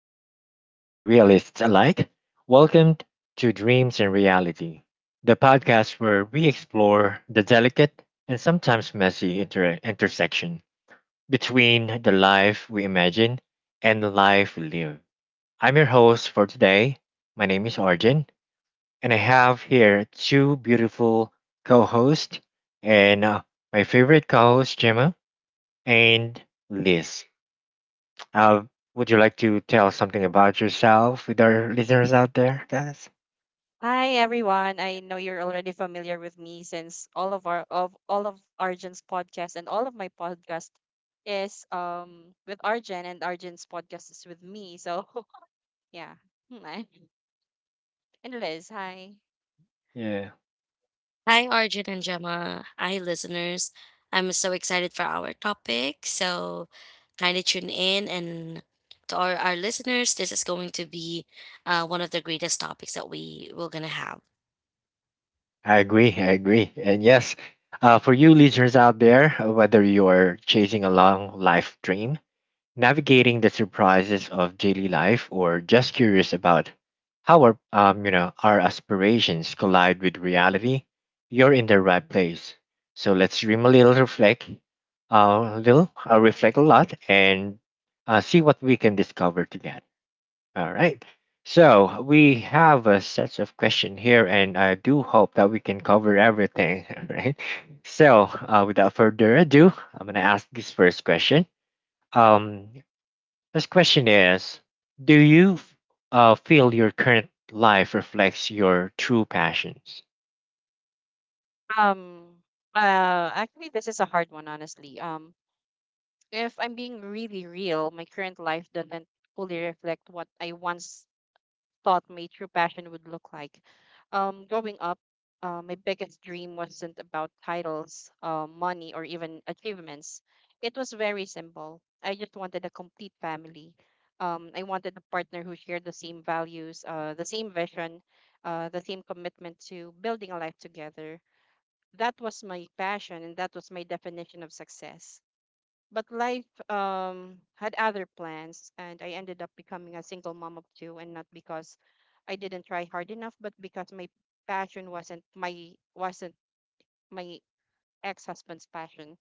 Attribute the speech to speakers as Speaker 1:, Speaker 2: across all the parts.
Speaker 1: dreamers and realists alike. Welcome to Dreams and Reality, the podcast where we explore the delicate and sometimes messy intersection between the life we imagine and the life we live. I'm your host for today. My name is Arjun, and I have here two beautiful co hosts and my favorite co host, Gemma and Liz. Uh, would you like to tell something about yourself with our listeners out there, guys?
Speaker 2: Hi everyone. I know you're already familiar with me since all of Arjun's podcast and all of my podcast is with Arjun, and Arjun's podcast is with me. So yeah. Hmm, I- And Liz, hi.
Speaker 1: Yeah,
Speaker 3: Hi, Arjun and Gemma. Hi, listeners. I'm so excited for our topic. So, kind of tune in. And to our listeners, this is going to be one of the greatest topics that we're going to have.
Speaker 1: I agree. I agree. And yes, for you listeners out there, whether you're chasing a long life dream, navigating the surprises of daily life, or just curious about how our aspirations collide with reality, you're in the right place. So let's dream a little, reflect a little, reflect a lot, and see what we can discover together. All right. So we have a set of question here, and I do hope that we can cover everything, all right? So without further ado, I'm gonna ask this first question. Um, this question is: Do you feel your current life reflects your true passions?
Speaker 2: Um Actually, this is a hard one, honestly. If I'm being really real, my current life doesn't fully reflect what I once thought my true passion would look like. Growing up, my biggest dream wasn't about titles, money, or even achievements. It was very simple. I just wanted a complete family. I wanted a partner who shared the same values, the same vision, the same commitment to building a life together. That was my passion, and that was my definition of success. But life, had other plans, and I ended up becoming a single mom of two, and not because I didn't try hard enough, but because my passion wasn't my ex-husband's passion.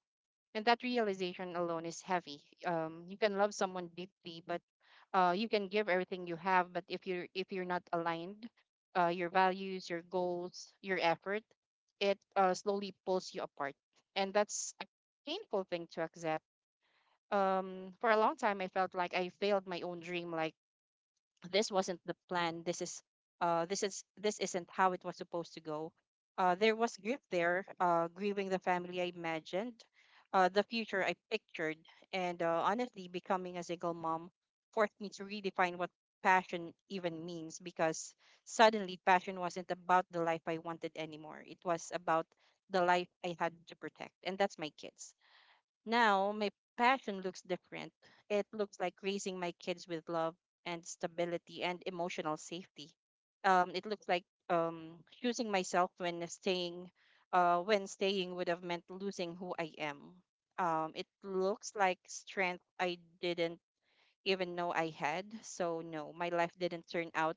Speaker 2: And that realization alone is heavy. You can love someone deeply, but you can give everything you have. But if you're not aligned, your values, your goals, your effort, it slowly pulls you apart. And that's a painful thing to accept. For a long time, I felt like I failed my own dream. Like this wasn't the plan, this isn't how it was supposed to go. There was grief there, grieving the family I imagined, the future I pictured. And honestly, becoming a single mom forced me to redefine what passion even means, because suddenly passion wasn't about the life I wanted anymore. It was about the life I had to protect, and that's my kids. Now, my passion looks different. It looks like raising my kids with love and stability and emotional safety. It looks like choosing myself when staying, when staying would have meant losing who I am. It looks like strength I didn't even know I had. So no, my life didn't turn out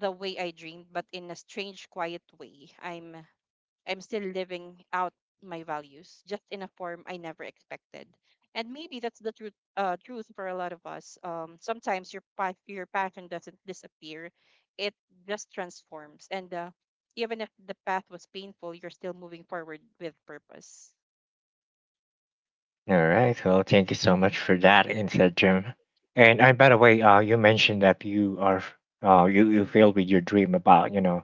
Speaker 2: the way I dreamed, but in a strange, quiet way, I'm still living out my values, just in a form I never expected. And maybe that's the truth for a lot of us. Sometimes your passion doesn't disappear. It just transforms. And even if the path was painful, you're still moving forward with purpose.
Speaker 1: All right. Well, thank you so much for that insight, Jim. And I, by the way, you mentioned that you are, you feel with your dream about, you know,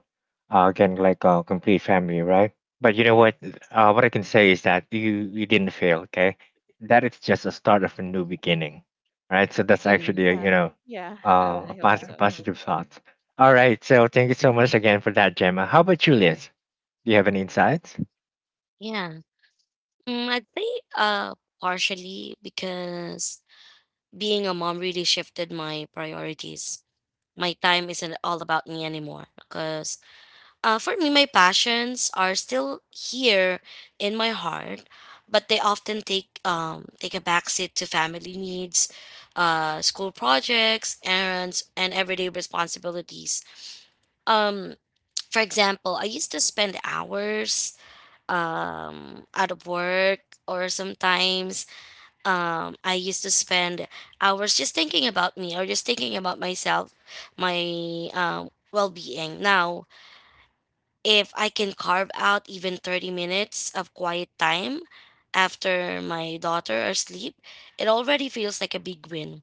Speaker 1: again like a complete family, right? But you know
Speaker 2: Yes.
Speaker 1: what? What I can say is that you didn't fail. Okay, that is just a start of a new beginning, right? So that's actually a,
Speaker 3: Mm,
Speaker 1: you
Speaker 2: Uh,
Speaker 1: know,
Speaker 2: yeah, I hope
Speaker 1: a
Speaker 2: so.
Speaker 1: positive thought. All right. So thank you so much again for that, Gemma. How about you, Liz? Do you have any insights?
Speaker 3: yeah. I'd say partially because being a mom really shifted my priorities. My time isn't all about me anymore because, uh, for me, my passions are still here in my heart, but they often take a backseat to family needs, school projects, errands, and everyday responsibilities. Um, for example, I used to spend hours out of work, or sometimes I used to spend hours just thinking about me or just thinking about myself, my well being. Now, if I can carve out even 30 minutes of quiet time after my daughter are asleep, it already feels like a big win.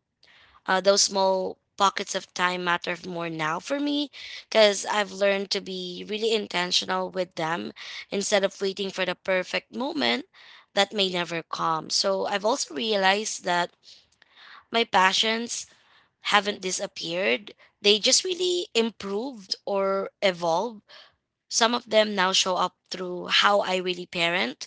Speaker 3: Those small pockets of time matter more now for me because I've learned to be really intentional with them instead of waiting for the perfect moment that may never come. So I've also realized that my passions haven't disappeared, they just really improved or evolved. Some of them now show up through how I really parent,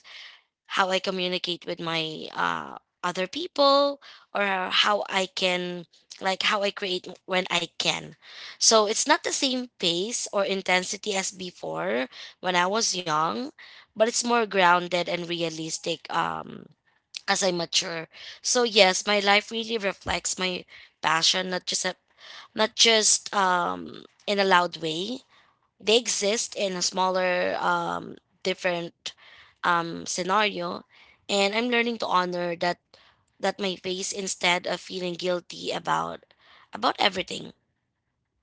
Speaker 3: how I communicate with my other people, or how I can, like, how I create when I can. So it's not the same pace or intensity as before when I was young, but it's more grounded and realistic, as I mature. So, yes, my life really reflects my passion, not just a, not just, in a loud way. They exist in a smaller, different, scenario, and I'm learning to honor that, that my face instead of feeling guilty about everything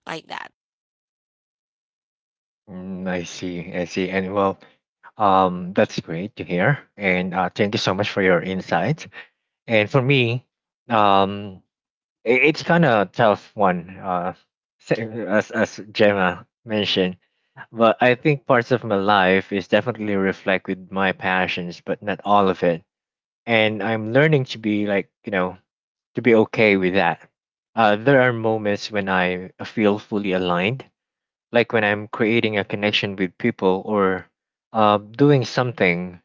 Speaker 3: like that.
Speaker 1: Mm, I see. I see. And well, that's great to hear. And thank you so much for your insights. And for me, um, I it's kind of tough one, sa- as Gemma mentioned. But I think parts of my life is definitely reflect with my passions, but not all of it. And I'm learning to be like to be okay with that. There are moments when I feel fully aligned like when I'm creating a connection with people or doing something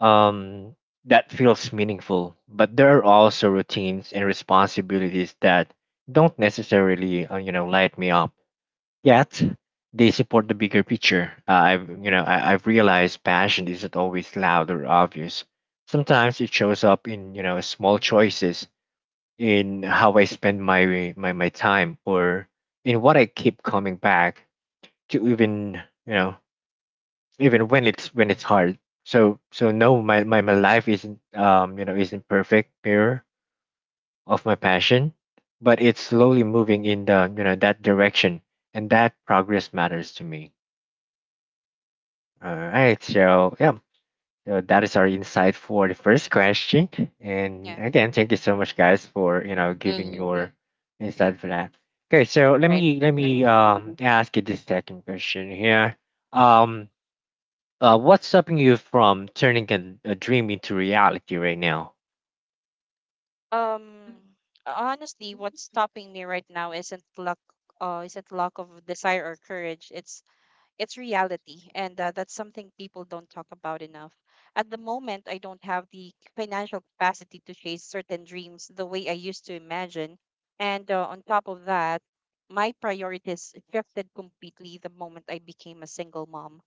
Speaker 1: um, that feels meaningful. But there are also routines and responsibilities that don't necessarily, light me up. Yet they support the bigger picture. I've, you know, I, I've realized passion isn't always loud or obvious. Sometimes it shows up in, small choices in how I spend my time or in what I keep coming back to, even you know even when it's hard. So so no, my my life isn't isn't perfect mirror of my passion, but it's slowly moving in the, that direction, and that progress matters to me. All right, so yeah, so that is our insight for the first question, and
Speaker 2: Yeah.
Speaker 1: again thank you so much guys for giving
Speaker 3: Hmm.
Speaker 1: your insight for that. Okay, so let
Speaker 2: Right.
Speaker 1: me let
Speaker 2: Uh-huh.
Speaker 1: me um ask you the second question here. um what's stopping you from turning a dream into reality right now?
Speaker 2: Um, honestly, what's stopping me right now isn't luck, isn't lack of desire or courage. It's reality, and that's something people don't talk about enough. At the moment, I don't have the financial capacity to chase certain dreams the way I used to imagine. And on top of that, my priorities shifted completely the moment I became a single mom.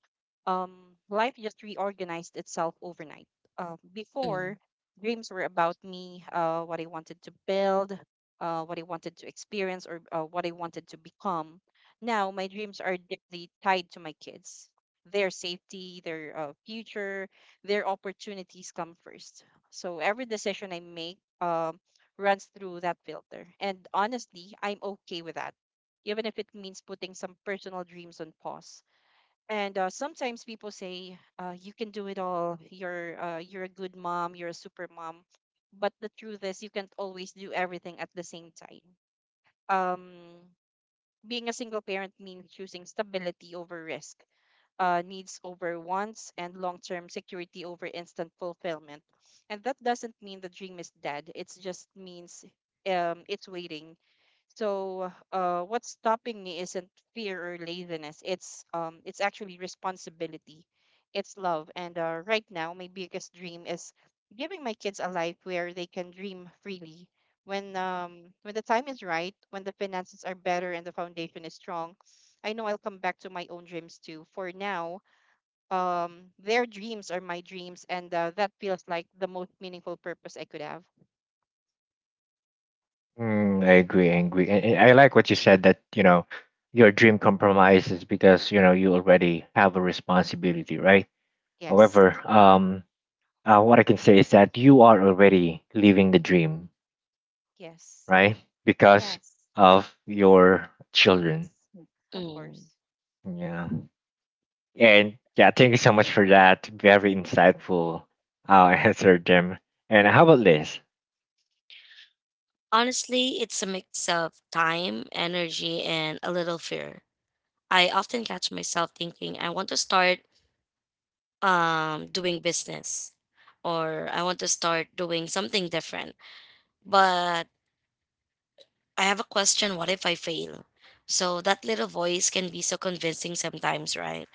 Speaker 2: Life just reorganized itself overnight.
Speaker 3: Mm.
Speaker 2: Before, dreams were about me, what I wanted to build, what I wanted to experience, or what I wanted to become. Now, my dreams are deeply tied to my kids. Their safety, their future, their opportunities come first. So every decision I make runs through that filter. And honestly, I'm okay with that, even if it means putting some personal dreams on pause. And sometimes people say, "You can do it all. You're a good mom. You're a super mom." But the truth is, you can't always do everything at the same time. Um, being a single parent means choosing stability over risk, needs over wants, and long term security over instant fulfillment. And that doesn't mean the dream is dead. It just means, it's waiting. So what's stopping me isn't fear or laziness. It's actually responsibility. It's love. And right now, my biggest dream is giving my kids a life where they can dream freely. When the time is right, when the finances are better and the foundation is strong, I know I'll come back to my own dreams too. For now, their dreams are my dreams, and that feels like the most meaningful purpose I could have.
Speaker 1: Mm, I agree, I agree. And I like what you said that, you know, your dream compromises because, you know, you already have a responsibility, right?
Speaker 2: Yes,
Speaker 1: However, what I can say is that you are already living the dream,
Speaker 2: yes,
Speaker 1: right? Because
Speaker 2: yes,
Speaker 1: of your children.
Speaker 2: kids, of
Speaker 3: Mm,
Speaker 2: course.
Speaker 1: Yeah. And yeah, thank you so much for that very insightful answer, Jim. And how about this?
Speaker 3: honestly it's a mix of time, energy, and a little fear. I often catch myself thinking I want to start, doing business, or I want to start doing something different, but I have a question, what if I fail? So that little voice can be so convincing sometimes, right?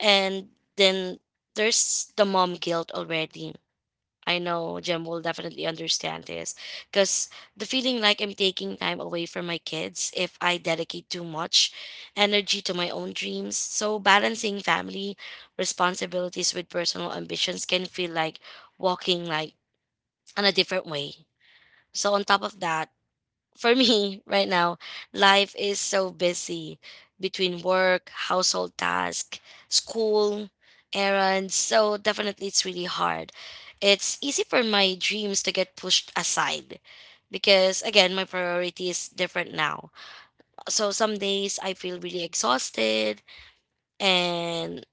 Speaker 3: And then there's the mom guilt already. I know Jem will definitely understand this, because the feeling like I'm taking time away from my kids if I dedicate too much energy to my own dreams. So, balancing family responsibilities with personal ambitions can feel like walking like on a different way. So, on top of that, for me, right now, life is so busy between work, household task, school, errands. So definitely it's really hard. It's easy for my dreams to get pushed aside, because again, my priority is different now. So some days I feel really exhausted, and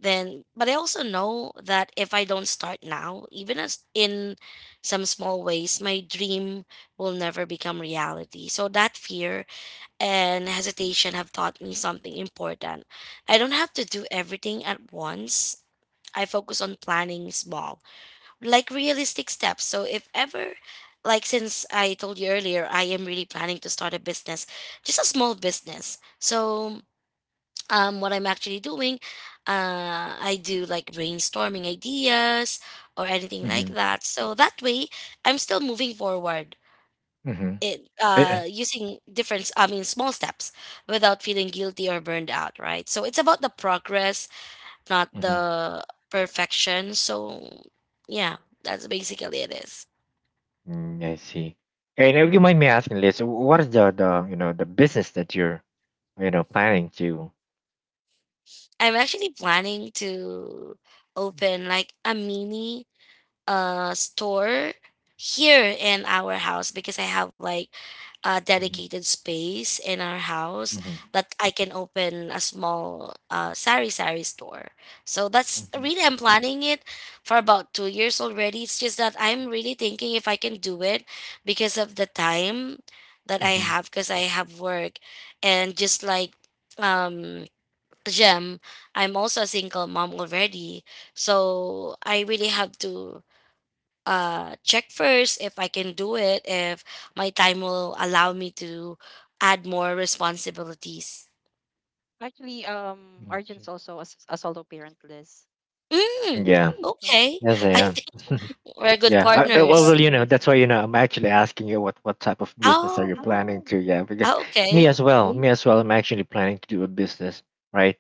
Speaker 3: then, but I also know that if I don't start now, even as in some small ways, my dream will never become reality. So that fear and hesitation have taught me something important. I don't have to do everything at once. I focus on planning small, like realistic steps. So if ever, like since I told you earlier, I am really planning to start a business, just a small business. So what I'm actually doing, I do like brainstorming ideas or anything like
Speaker 1: Mm-hmm.
Speaker 3: that. So that way, I'm still moving forward.
Speaker 1: Mm-hmm.
Speaker 3: It, using different, I mean, small steps without feeling guilty or burned out, right? So it's about the progress, not
Speaker 1: Mhm.
Speaker 3: the perfection. So yeah, that's basically it is.
Speaker 1: Mm, I see. And if you mind me asking, Liz, what is the, you know, the business that you're, you know, planning to?
Speaker 3: I'm actually planning to open like a mini store here in our house because I have like a
Speaker 1: Mhm,
Speaker 3: dedicated space in our house
Speaker 1: mhm,
Speaker 3: that I can open a small sari sari store. So that's
Speaker 1: mhm,
Speaker 3: really I'm planning it for about 2 years already. It's just that I'm really thinking if I can do it because of the time that I
Speaker 1: mhm,
Speaker 3: have because I have work and just like, um Jem, I'm also a single mom already. So I really have to check first if I can do it, if my time will allow me to add more responsibilities.
Speaker 2: Actually,
Speaker 1: mhm.
Speaker 2: Arjun's also a, a solo parent, Liz.
Speaker 3: Mm,
Speaker 1: Yeah,
Speaker 2: Yeah,
Speaker 3: okay.
Speaker 1: yes, I
Speaker 3: I
Speaker 1: am.
Speaker 3: think we're good
Speaker 1: Yeah, well,
Speaker 3: partners.
Speaker 1: well, you know, that's why, you know, I'm actually asking you what type of business are you
Speaker 3: Oh,
Speaker 1: planning to? Yeah, because
Speaker 3: ah, okay.
Speaker 1: me as well, I'm actually planning to do a business, right?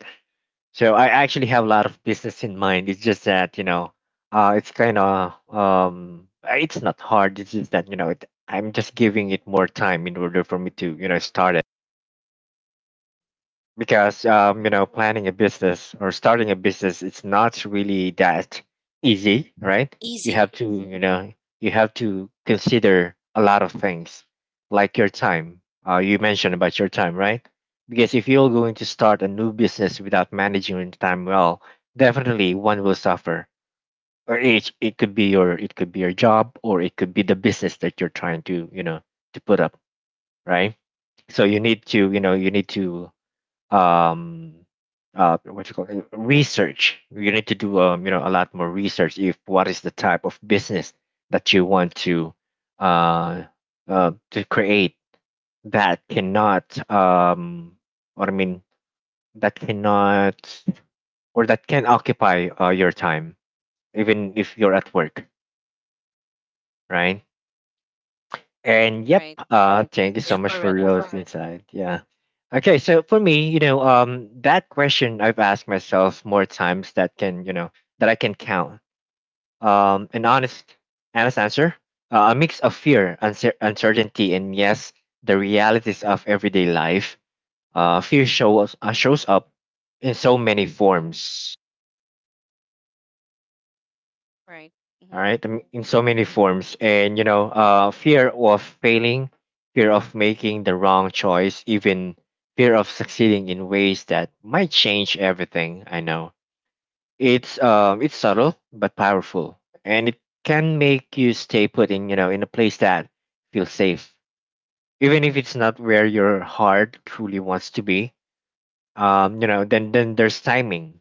Speaker 1: So I actually have a lot of business in mind. It's just that, you know, it's kind of it's not hard. It's just that, you know, I'm just giving it more time in order for me to, you know, start it because,
Speaker 2: right,
Speaker 1: you know, planning a business or starting a business, it's not really that easy, right? You
Speaker 3: Easy.
Speaker 1: have to, you know, you have to consider a lot of things like your time. You mentioned about your time, right? Because if you're going to start a new business without managing your time well, definitely one will suffer, or it could be your, it could be your job, or it could be the business that you're trying to, you know, to put up, right? So you need to, you know, you need to um what you call it, research. You need to do, you know, a lot more research, if what is the type of business that you want uh to create that cannot um what I mean that cannot or that can occupy your time even if you're at work, right? And yep,
Speaker 2: right,
Speaker 1: thank you so
Speaker 3: Yeah,
Speaker 1: much for
Speaker 3: correct.
Speaker 1: those insight. Yeah. Okay, so for me, you know, that question I've asked myself more times that can, you know, that I can count. An honest, honest answer, a mix of fear, uncertainty, and yes, the realities of everyday life. Fear shows up in so many forms.
Speaker 2: right,
Speaker 1: All
Speaker 2: mm-hmm.
Speaker 1: right, in so many forms. And you know, fear of failing, fear of making the wrong choice, even fear of succeeding in ways that might change everything I know. It's it's subtle but powerful, and it can make you stay put in, you know, in a place that feels safe, even if it's not where your heart truly wants to be. Um, you know, then there's timing,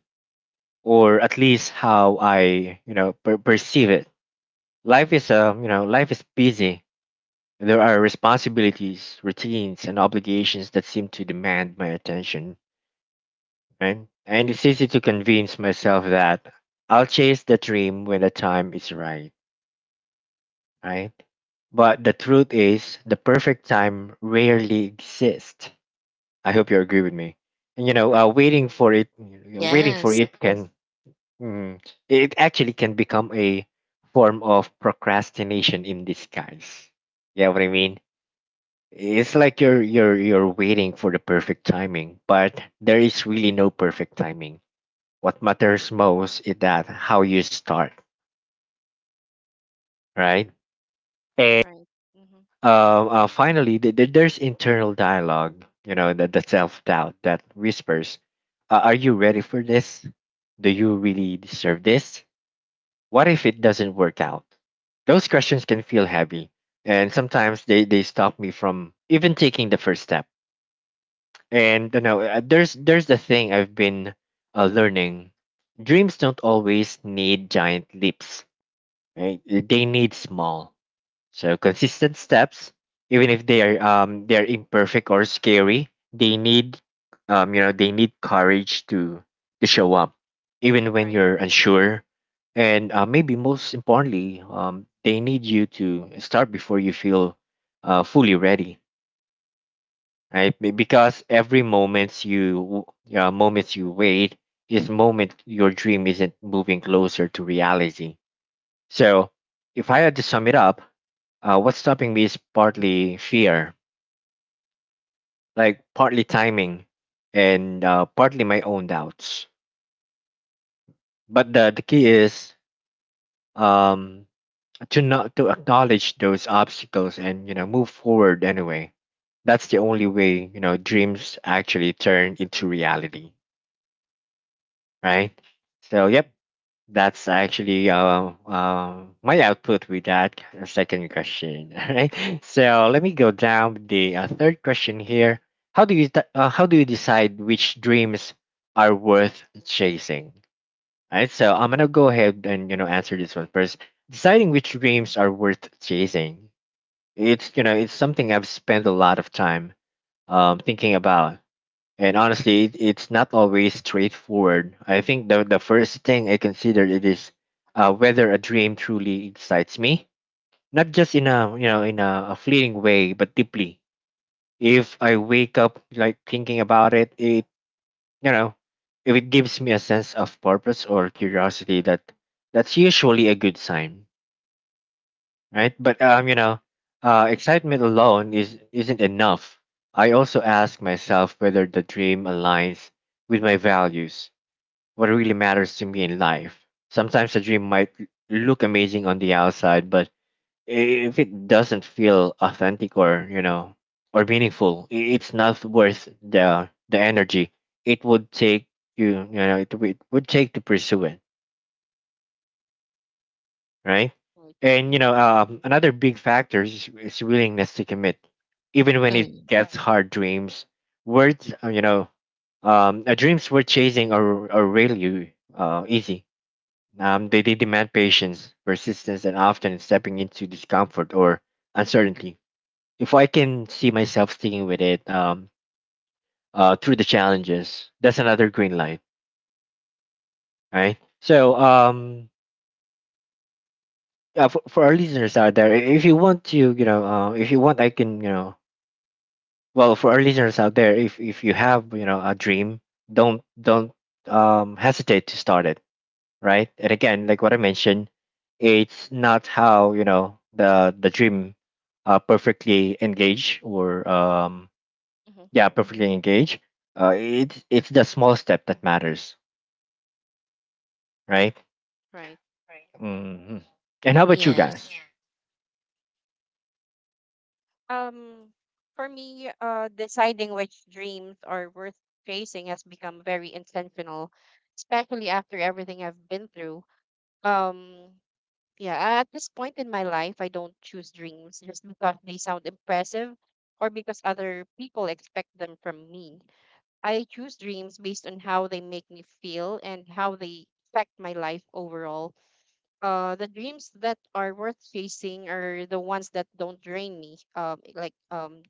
Speaker 1: or at least how I, you know, perceive it. Life is, life is busy. There are responsibilities, routines, and obligations that seem to demand my attention, right? And it's easy to convince myself that I'll chase the dream when the time is right, right? But the truth is, the perfect time rarely exists. I hope you agree with me. And you know,
Speaker 2: Right,
Speaker 1: waiting for it, you know, waiting for
Speaker 3: Yes.
Speaker 1: it can, mm, it actually can become a form of procrastination in disguise. Yeah, what I mean? It's like you're waiting for the perfect timing, but there is really no perfect timing. What matters most is that how you start, right? And
Speaker 2: right, mm-hmm.
Speaker 1: finally, there's internal dialogue. You know, the self doubt that whispers, "Are you ready for this? Do you really deserve this? What if it doesn't work out?" Those questions can feel heavy, and sometimes they stop me from even taking the first step. And you know, there's the thing I've been learning. Dreams don't always need giant leaps, right? They need small, so consistent steps. Even if they are they are imperfect or scary, they need, they need courage to show up, even when
Speaker 2: Right,
Speaker 1: you're unsure. And maybe most importantly, they need you to start before you feel fully ready, right? Because every moments you wait is moment your dream isn't moving closer to reality. So, if I had to sum it up, what's stopping me is partly fear, like partly timing, and partly my own doubts. But the key is um to not to acknowledge those obstacles and, you know, move forward anyway. That's the only way, you know, dreams actually turn into reality, right? So yep, that's actually my output with that second question. All right, so let me go down the third question here. How do you decide which dreams are worth chasing? All right, so I'm gonna go ahead and, you know, answer this one first. Deciding which dreams are worth chasing, it's, you know, it's something I've spent a lot of time thinking about, and honestly, it's not always straightforward. I think the first thing I consider it is whether a dream truly excites me, not just in a, you know, in a fleeting way, but deeply. If I wake up like thinking about it, you know, if it gives me a sense of purpose or curiosity, that's usually a good sign, right? But excitement alone is isn't enough. I also ask myself whether the dream aligns with my values, what really matters to me in life. Sometimes a dream might look amazing on the outside, but if it doesn't feel authentic or or meaningful, it's not worth the energy it would take to pursue it, right?
Speaker 2: right,
Speaker 1: And you
Speaker 2: mm-hmm.
Speaker 1: know, um, another big factor is, willingness to commit, even when it
Speaker 3: Mm,
Speaker 1: gets hard. Worth, uh, you know, Dreams worth chasing are really easy. They demand patience, persistence, and often stepping into discomfort or uncertainty. If I can see myself sticking with it, through the challenges, that's another green light, right? So, yeah, for our listeners out there, I- if you want to, you know, if you want, I can, you know, well, for our listeners out there, if you have, a dream, don't hesitate to start it, right? And again, like what I mentioned, it's not how the dream perfectly engage, or
Speaker 2: Mm-hmm.
Speaker 1: yeah perfectly engage. It's the small step that matters, right?
Speaker 2: Right.
Speaker 1: Hmm. And how about you guys?
Speaker 3: yes.
Speaker 2: Um, for me, deciding which dreams are worth chasing has become very intentional, especially after everything I've been through. Um, yeah, at this point in my life, I don't choose dreams just because they sound impressive or because other people expect them from me. I choose dreams based on how they make me feel and how they affect my life overall. The dreams that are worth chasing are the ones that don't drain me.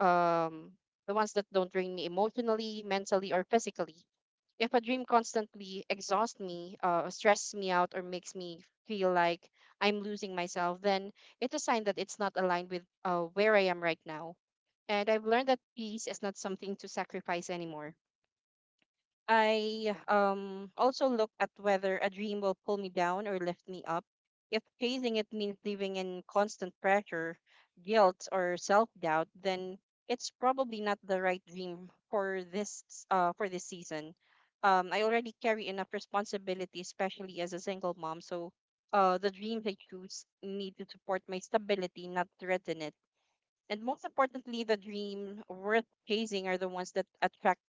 Speaker 2: um, the ones that don't drain me emotionally, mentally, or physically. If a dream constantly exhausts me, stresses me out, or makes me feel like I'm losing myself, then it's a sign that it's not aligned with where I am right now. And I've learned that peace is not something to sacrifice anymore. I also look at whether a dream will pull me down or lift me up. If chasing it means living in constant pressure, guilt, or self-doubt, then it's probably not the right dream for this season. I already carry enough responsibility, especially as a single mom. So, the dreams I choose need to support my stability, not threaten it. And most importantly, the dream worth chasing are the ones that attract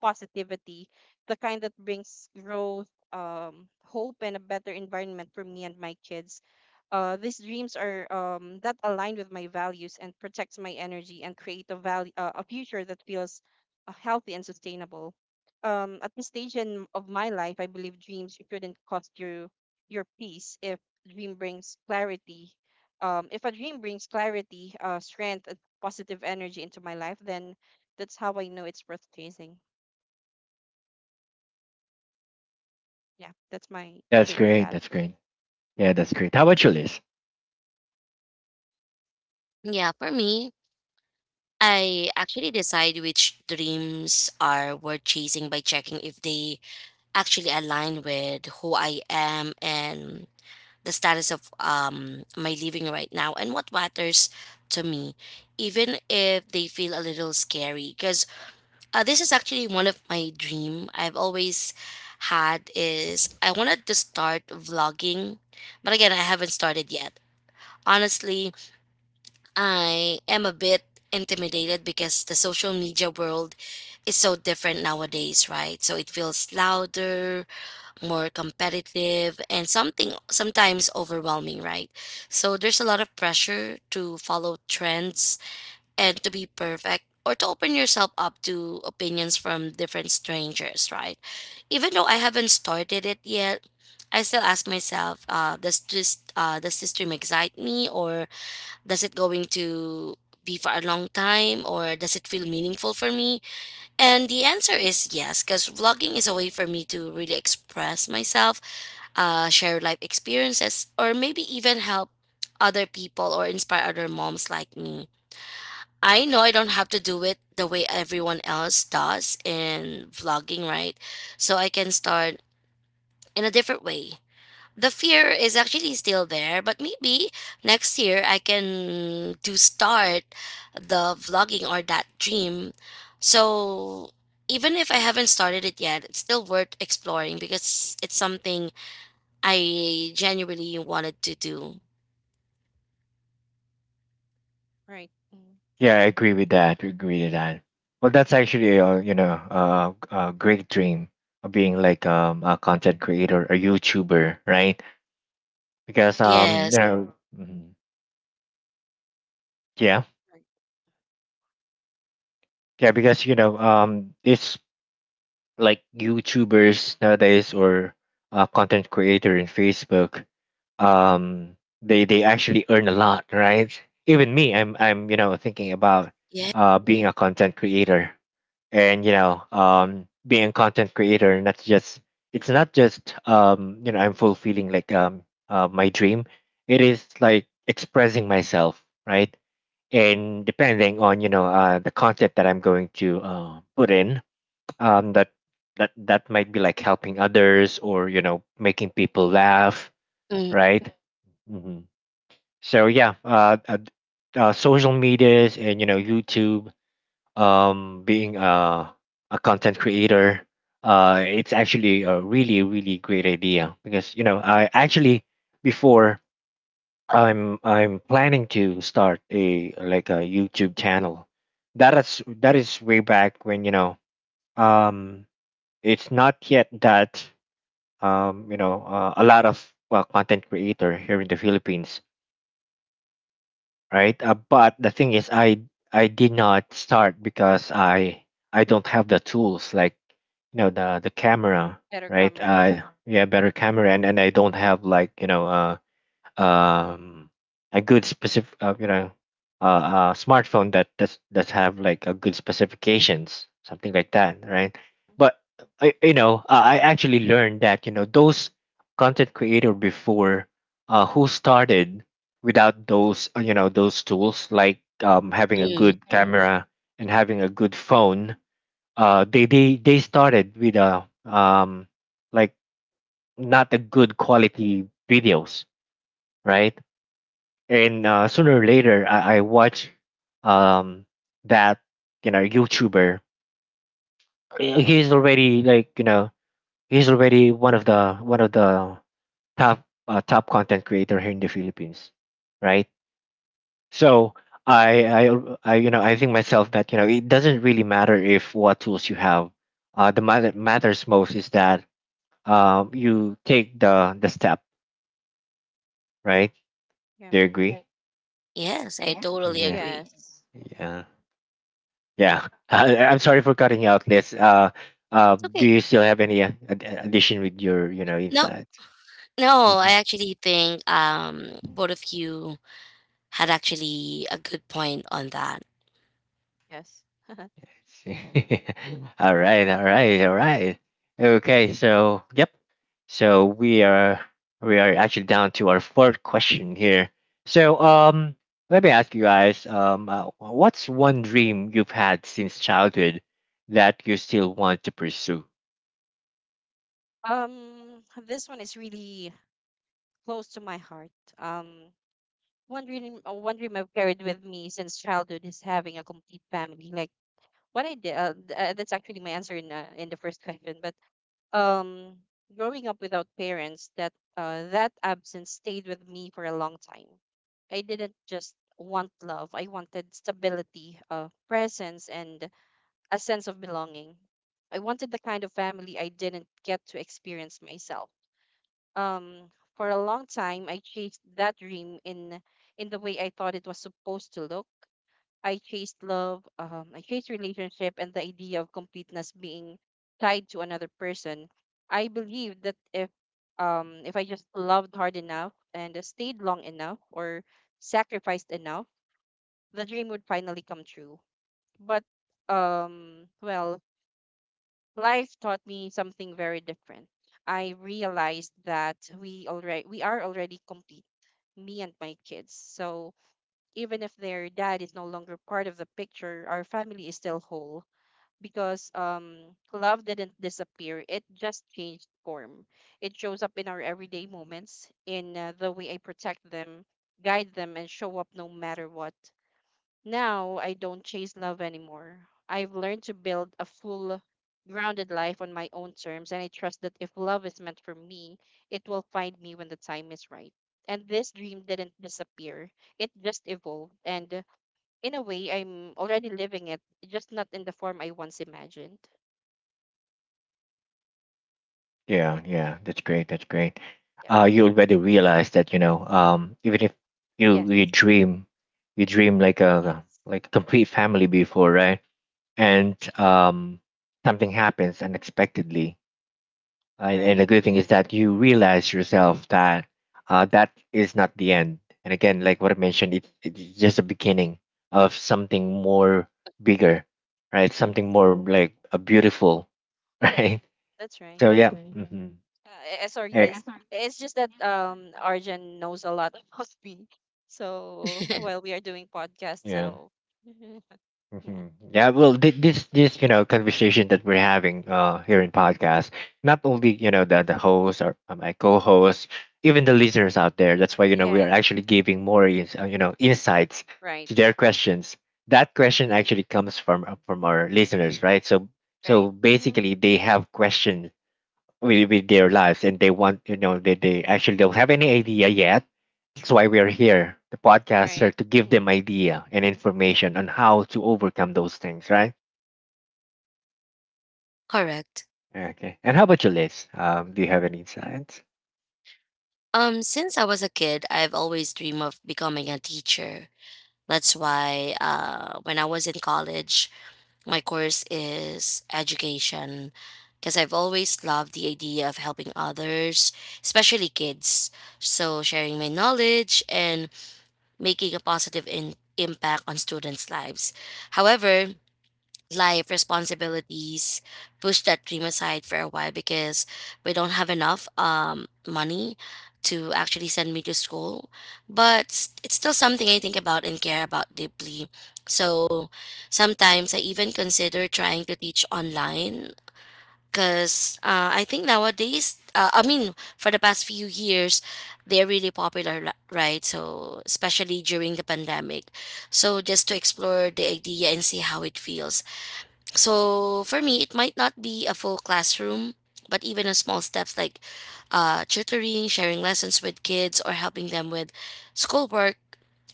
Speaker 2: positivity, the kind that brings growth, hope, and a better environment for me and my kids. These dreams are that align with my values and protects my energy and create a a future that feels healthy and sustainable. At this stage in, of my life, I believe dreams shouldn't cost you your peace if dream brings clarity. If a dream brings clarity, strength, and positive energy into my life, then that's how I know it's worth chasing. Yeah, that's my
Speaker 1: Yeah. That's
Speaker 2: take on
Speaker 1: great.
Speaker 2: that.
Speaker 1: That's great. Yeah,
Speaker 2: Yeah.
Speaker 1: that's great. How about you, Liz?
Speaker 3: Yeah, for me, I actually decide which dreams are worth chasing by checking if they actually align with who I am and the status of, my living right now and what matters to me, even if they feel a little scary. Because this is actually one of my dream I've always had is I wanted to start vlogging, but again, I haven't started yet. Honestly, I am a bit intimidated because the social media world is so different nowadays, right? So it feels louder, more competitive, and something sometimes overwhelming, right? So there's a lot of pressure to follow trends and to be perfect or to open yourself up to opinions from different strangers, right? Even though I haven't started it yet, I still ask myself, does this dream excite me, or does it going to be for a long time, or does it feel meaningful for me? And the answer is yes, because vlogging is a way for me to really express myself, share life experiences, or maybe even help other people or inspire other moms like me. I know I don't have to do it the way everyone else does in vlogging, right? So I can start in a different way. The fear is actually still there, but maybe next year I can do start the vlogging or that dream. So even if I haven't started it yet, it's still worth exploring because it's something I genuinely wanted to do.
Speaker 2: Right. Mm.
Speaker 1: Yeah, I agree with that. I agree with that. Well, that's actually, a a, great dream of being like, a content creator, a YouTuber, right? Because um
Speaker 3: Yes.
Speaker 1: you know. Mhm. Yeah,
Speaker 2: Right.
Speaker 1: yeah, because,
Speaker 2: Yes.
Speaker 1: it's like YouTubers nowadays or, content creator in Facebook. They actually earn a lot, right? Even me, I'm thinking about,
Speaker 3: Yeah.
Speaker 1: being a content creator. And being a content creator, not just it's not just, I'm fulfilling like, my dream, it is like expressing myself, right? And depending on, the content that I'm going to, put in, that that might be like helping others, or making people laugh,
Speaker 3: Mm,
Speaker 1: right. Hmm. So yeah, social medias and, YouTube, being a, content creator, it's actually a really really great idea, because I actually, before, I'm planning to start a like a YouTube channel. That is, way back when, um it's not yet that, a lot of content creator here in the Philippines, right? But the thing is, I did not start because I don't have the tools, like, the camera,
Speaker 2: Better
Speaker 1: right?
Speaker 2: comer.
Speaker 1: I Yeah, better camera, and I don't have, like, um a good specific, a smartphone that have like a good specifications, something like that, right?
Speaker 2: Mhm.
Speaker 1: But I actually learned that, those content creator before, who started without those you know those tools, like, having a
Speaker 3: mm.
Speaker 1: good camera and having a good phone, they started with a, like not a good quality videos, right. And sooner or later, I watch, um that YouTuber. He's already like you know he's already one of the top, top content creator here in the Philippines, right? So I think myself that, it doesn't really matter if what tools you have. The matter matters most is that, you take the step, right?
Speaker 2: Yeah.
Speaker 1: Do you agree?
Speaker 3: Yes, I
Speaker 1: Yeah.
Speaker 3: totally agree.
Speaker 2: Yes. Mhm.
Speaker 1: Yeah. Yeah. I'm sorry for cutting you out, Liz. Do
Speaker 3: Okay.
Speaker 1: you still have any addition with your,
Speaker 3: No,
Speaker 1: insights?
Speaker 3: no, I
Speaker 1: Mhm.
Speaker 3: actually think, both of you had actually a good point on that.
Speaker 2: Yes.
Speaker 1: See. All right, all right, all right. Okay, so yep. So we are, actually down to our fourth question here. So, let me ask you guys, what's one dream you've had since childhood that you still want to pursue?
Speaker 2: This one is really close to my heart. Um, one dream, one dream I've carried with me since childhood is having a complete family. Like what I did, that's actually my answer in the first question. But um growing up without parents, that that absence stayed with me for a long time. I didn't just want love, I wanted stability, presence, and a sense of belonging. I wanted the kind of family I didn't get to experience myself. Um for a long time I chased that dream in the way I thought it was supposed to look. I chased love, I chased relationship, and the idea of completeness being tied to another person. I believed that if I just loved hard enough and stayed long enough or sacrificed enough, the dream would finally come true. But well, life taught me something very different. I realized that we are already complete, me and my kids. So even if their dad is no longer part of the picture, our family is still whole because love didn't disappear, it just changed form. It shows up in our everyday moments, in the way I protect them, guide them, and show up no matter what. Now I don't chase love anymore. I've learned to build a full, grounded life on my own terms, and I trust that if love is meant for me, it will find me when the time is right. And this dream didn't disappear, it just evolved. And in a way, I'm already living it, just not in the form I once imagined.
Speaker 1: Yeah,
Speaker 2: Yeah,
Speaker 1: yeah, that's great. That's great.
Speaker 2: yeah.
Speaker 1: You already realize that, even if you
Speaker 2: Yes,
Speaker 1: you dream, you dream like a,
Speaker 2: yes,
Speaker 1: complete family before, right?
Speaker 2: yeah,
Speaker 1: And something happens unexpectedly, and, the
Speaker 2: right.
Speaker 1: good thing is that you realize yourself that, that is not the end. And again, like what I mentioned, it's just a beginning of something more bigger, right?
Speaker 2: Yes,
Speaker 1: Something more, like, a beautiful, right?
Speaker 2: that's right.
Speaker 1: So
Speaker 2: Yeah.
Speaker 1: yeah.
Speaker 2: Sorry, Liz.
Speaker 1: Hmm.
Speaker 2: It's just that Arjun knows a lot about me. So while we are doing podcasts,
Speaker 1: Yeah.
Speaker 2: so yeah.
Speaker 1: Hmm. Yeah, well, this conversation that we're having, here in podcast, not only the host, or my co-host, even the listeners out there. That's why we are
Speaker 2: Yes.
Speaker 1: actually giving more insights
Speaker 2: Right.
Speaker 1: to their questions. That question actually comes from our listeners, right? So
Speaker 2: Right. Hmm.
Speaker 1: basically, they have questions with their lives, and they want, they actually don't have any idea yet. That's why we are here, the podcaster,
Speaker 2: Right.
Speaker 1: to give
Speaker 2: Hmm.
Speaker 1: them idea and information on how to overcome those things, right.
Speaker 3: Correct.
Speaker 1: Okay. And how about you, Liz? Do you have any insights?
Speaker 3: Since I was a kid, I've always dreamed of becoming a teacher. That's why when I was in college, my course is education because I've always loved the idea of helping others, especially kids. So, sharing my knowledge and making a positive impact on students' lives. However, life responsibilities push that dream aside for a while because we don't have enough, money to actually send me to school, but it's still something I think about and care about deeply. So sometimes I even consider trying to teach online, because I think nowadays, I mean for the past few years, they're really popular right? So especially during the pandemic, so just to explore the idea and see how it feels. So for me, it might not be a full classroom, but even a small steps like tutoring, sharing lessons with kids, or helping them with schoolwork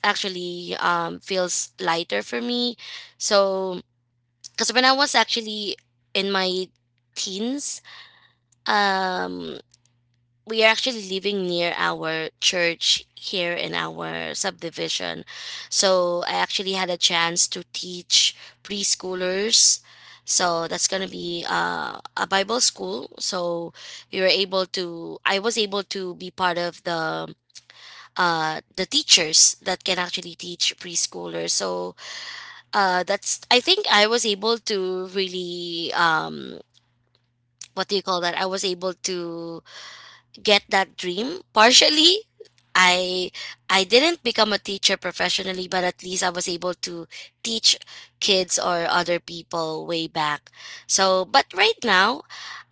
Speaker 3: actually, feels lighter for me. So, because when I was actually in my teens, um, we are actually living near our church here in our subdivision. So I actually had a chance to teach preschoolers. So that's going to be a Bible school. So we were able to, I was able to be part of the the teachers that can actually teach preschoolers. So that's, I think I was able to really, what do you call that? I was able to get that dream partially. I i didn't become a teacher professionally, but at least I was able to teach kids or other people way back. So but right now,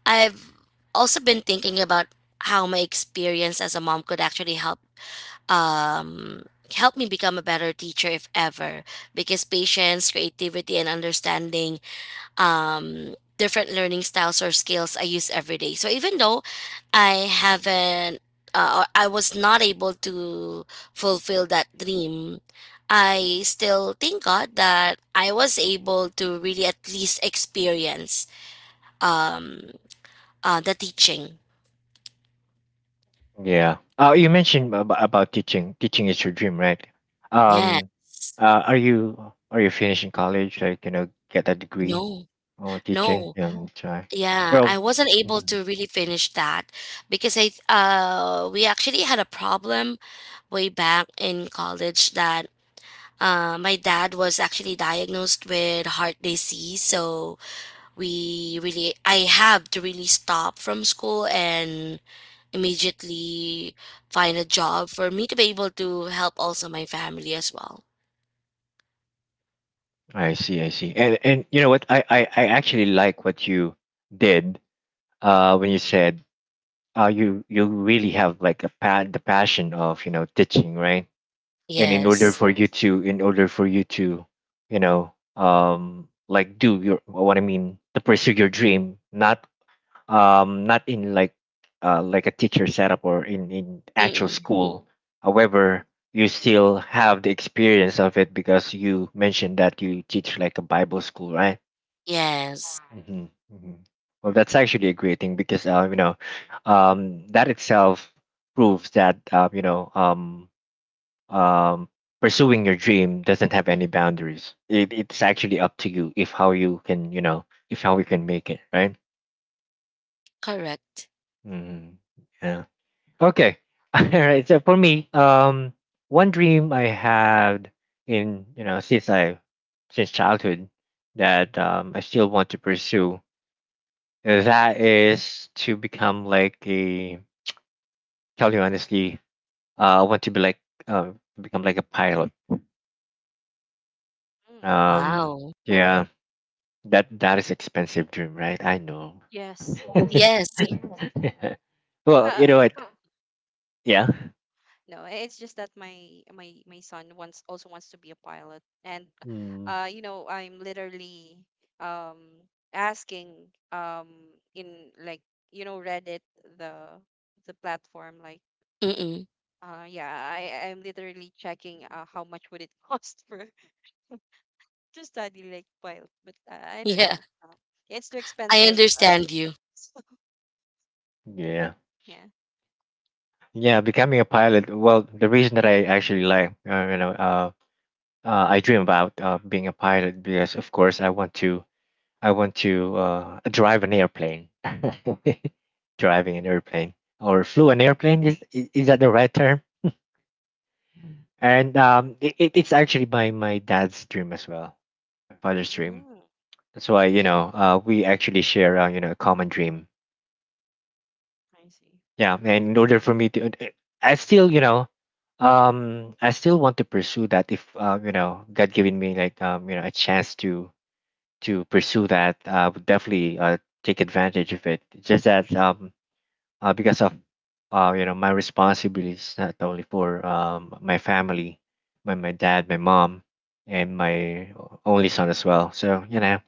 Speaker 3: I've also been thinking about how my experience as a mom could actually help, um help me become a better teacher if ever, because patience, creativity, and understanding, different learning styles or skills I use every day. So even though I haven't, or I was not able to fulfill that dream, I still thank God that I was able to really at least experience, um, the teaching.
Speaker 1: Yeah. You mentioned about teaching. Teaching is your dream, right?
Speaker 3: Yes.
Speaker 1: um, are you, finishing college, like get a degree,
Speaker 3: No,
Speaker 1: or teaching?
Speaker 3: no.
Speaker 1: Yeah, that's right.
Speaker 3: Yeah,
Speaker 1: Well,
Speaker 3: I wasn't able to really finish that because I, we actually had a problem way back in college that, my dad was actually diagnosed with heart disease, so we really, I have to really stop from school and immediately find a job for me to be able to help also my family as well.
Speaker 1: I see, I see. And you know what? I actually like what you did, when you said, you, really have like the passion of, teaching, right? And
Speaker 3: Yes.
Speaker 1: in order for you to, do your, what I mean, to pursue your dream, not, not in like a teacher setup, or in actual
Speaker 3: Mm-mm.
Speaker 1: school. However, you still have the experience of it because you mentioned that you teach like a Bible school, right?
Speaker 3: Yes.
Speaker 1: Hmm. Hmm. Well, that's actually a great thing because, that itself proves that, um, pursuing your dream doesn't have any boundaries. It's actually up to you, if how you can, if how you can make it, right.
Speaker 3: Correct.
Speaker 1: Hmm. Yeah. Okay. All right. So for me, one dream I had, in you know since I since childhood, that, I still want to pursue. That is to become like a, tell you honestly, I want to be like, become like a pilot.
Speaker 2: Mm.
Speaker 1: Um,
Speaker 3: Wow.
Speaker 1: yeah, that is expensive dream, right? I know.
Speaker 2: Yes. I
Speaker 1: Yes.
Speaker 2: know.
Speaker 3: Yes.
Speaker 1: Yeah. Well,
Speaker 2: Uh,
Speaker 1: you know what? Yeah.
Speaker 2: no, it's just that my son wants to be a pilot, and
Speaker 1: Mm,
Speaker 2: you know, I'm literally um asking in, like, you know, Reddit, the platform, like,
Speaker 3: Mm-mm.
Speaker 2: Yeah, I I'm literally checking how much would it cost for to study like while, but I don't
Speaker 3: Yeah.
Speaker 2: know. Yeah, it's too
Speaker 3: I
Speaker 2: expensive.
Speaker 3: understand you.
Speaker 1: yeah.
Speaker 2: Yeah.
Speaker 1: Yeah, becoming a pilot. Well, the reason that I actually like, you know, I dream about, being a pilot, because, of course, I want to, drive an airplane. Driving an airplane, or flew an airplane. Is is that the right term? And it's actually my dad's dream as well, my father's dream.
Speaker 2: Mm,
Speaker 1: That's why, we actually share, a common dream.
Speaker 2: I see.
Speaker 1: Yeah, and in order for me to, I still you know I still want to pursue that, if God giving me, like, a chance to pursue that, I would definitely, take advantage of it. It's just that, because of, my responsibilities, not only for, my family, my dad, my mom, and my only son as well. So, you know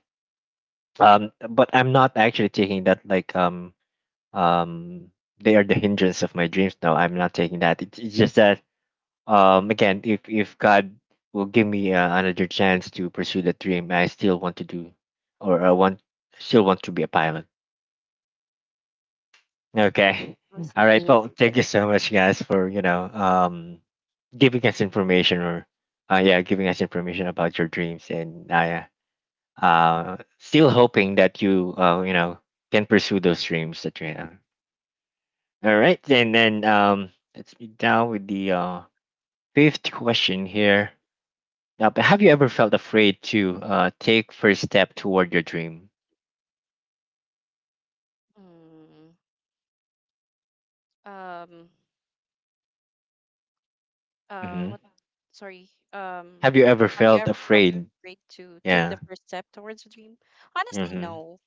Speaker 1: um, but I'm not actually taking that, like, um, they are the hindrance of my dreams, no, I'm not taking that. It's just that, again, if God will give me, another chance to pursue that dream, I still want to do, or I want still want to be a pilot. Okay.
Speaker 2: I see.
Speaker 1: All right.
Speaker 3: Yeah.
Speaker 1: Well, thank you so much, guys, for, giving us information, giving us information about your dreams, and I, still hoping that you, you know can pursue those dreams that you have. All right, and then, let's be down with the, fifth question here. Now, but have you ever felt afraid to, take first step toward your dream?
Speaker 2: Mm, um.
Speaker 1: Mm-hmm.
Speaker 2: What? Sorry.
Speaker 1: Have you ever
Speaker 2: Have you
Speaker 1: felt
Speaker 2: ever felt
Speaker 1: afraid?
Speaker 2: afraid to take the
Speaker 1: Yeah.
Speaker 2: first step towards a dream? Honestly,
Speaker 1: Mm-hmm.
Speaker 2: no.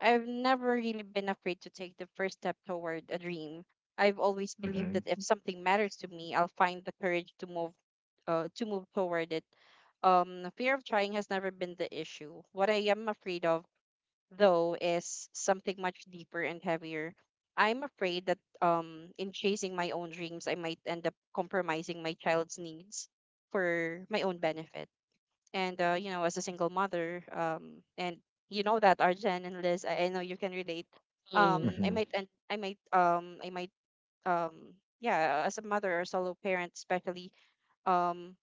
Speaker 2: I've never really been afraid to take the first step toward a dream. I've always believed
Speaker 1: Mm-hmm.
Speaker 2: that if something matters to me, I'll find the courage to move to move toward it. The fear of trying has never been the issue. What I am afraid of, though, is something much deeper and heavier. I'm afraid that in chasing my own dreams, I might end up compromising my child's needs for my own benefit and as a single mother and you know that Arjen and Liz, I know you can relate.
Speaker 3: Mm-mm.
Speaker 2: Um I
Speaker 1: Mm-hmm.
Speaker 2: might and I might um yeah, as a mother or solo parent especially, um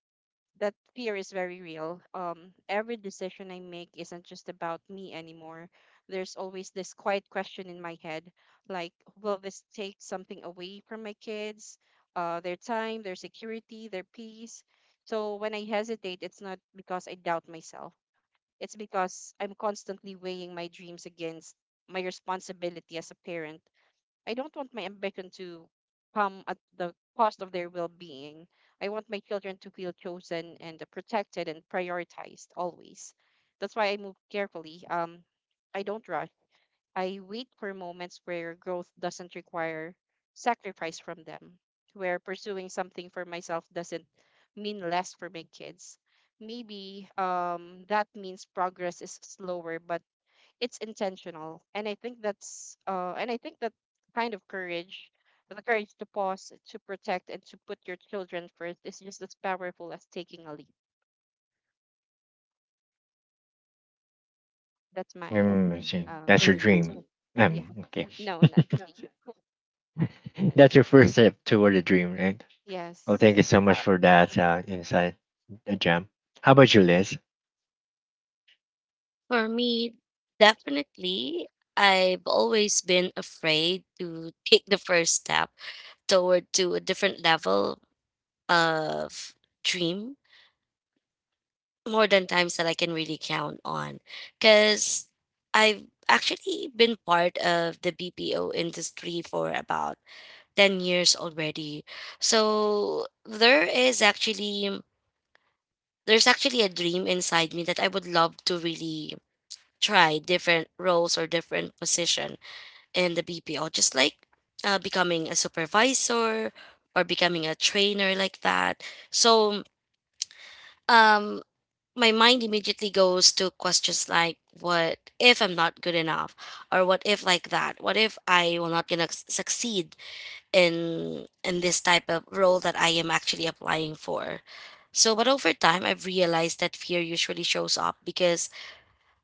Speaker 2: that fear is very real. Every decision I make isn't just about me anymore. There's always this quiet question in my head, like, will this take something away from my kids, their time, their security, their peace? So when I hesitate, it's not because I doubt myself. It's because I'm constantly weighing my dreams against my responsibility as a parent. I don't want my ambition to come at the cost of their well being. I want my children to feel chosen and protected and prioritized always. That's why I move carefully. I don't rush. I wait for moments where growth doesn't require sacrifice from them, where pursuing something for myself doesn't mean less for my kids. Maybe that means progress is slower, but it's intentional. And I think that kind of courage, the courage to pause, to protect, and to put your children first is just as powerful as taking a leap. That's my
Speaker 1: Mm, I see.
Speaker 2: um
Speaker 1: That's your
Speaker 3: Mm.
Speaker 2: answer.
Speaker 1: dream.
Speaker 2: Yeah.
Speaker 1: Okay.
Speaker 2: No, not really. No, no, no.
Speaker 1: That's your first step toward the dream, right? Well, thank you
Speaker 2: Yes.
Speaker 1: so much
Speaker 2: Uh,
Speaker 1: for that, insight, Jam. How about you, Liz?
Speaker 3: For me, definitely, I've always been afraid to take the first step toward to a different level of dream more than times that I can really count on, cuz I've actually been part of the BPO industry for about 10 years already. So there is actually, there's actually a dream inside me that I would love to really try different roles or different position in the BPO, just like becoming a supervisor or becoming a trainer like that. So um, my mind immediately goes to questions like, what if I'm not good enough? Or what if like that? What if I will not gonna succeed in this type of role that I am actually applying for? So, but over time, I've realized that fear usually shows up because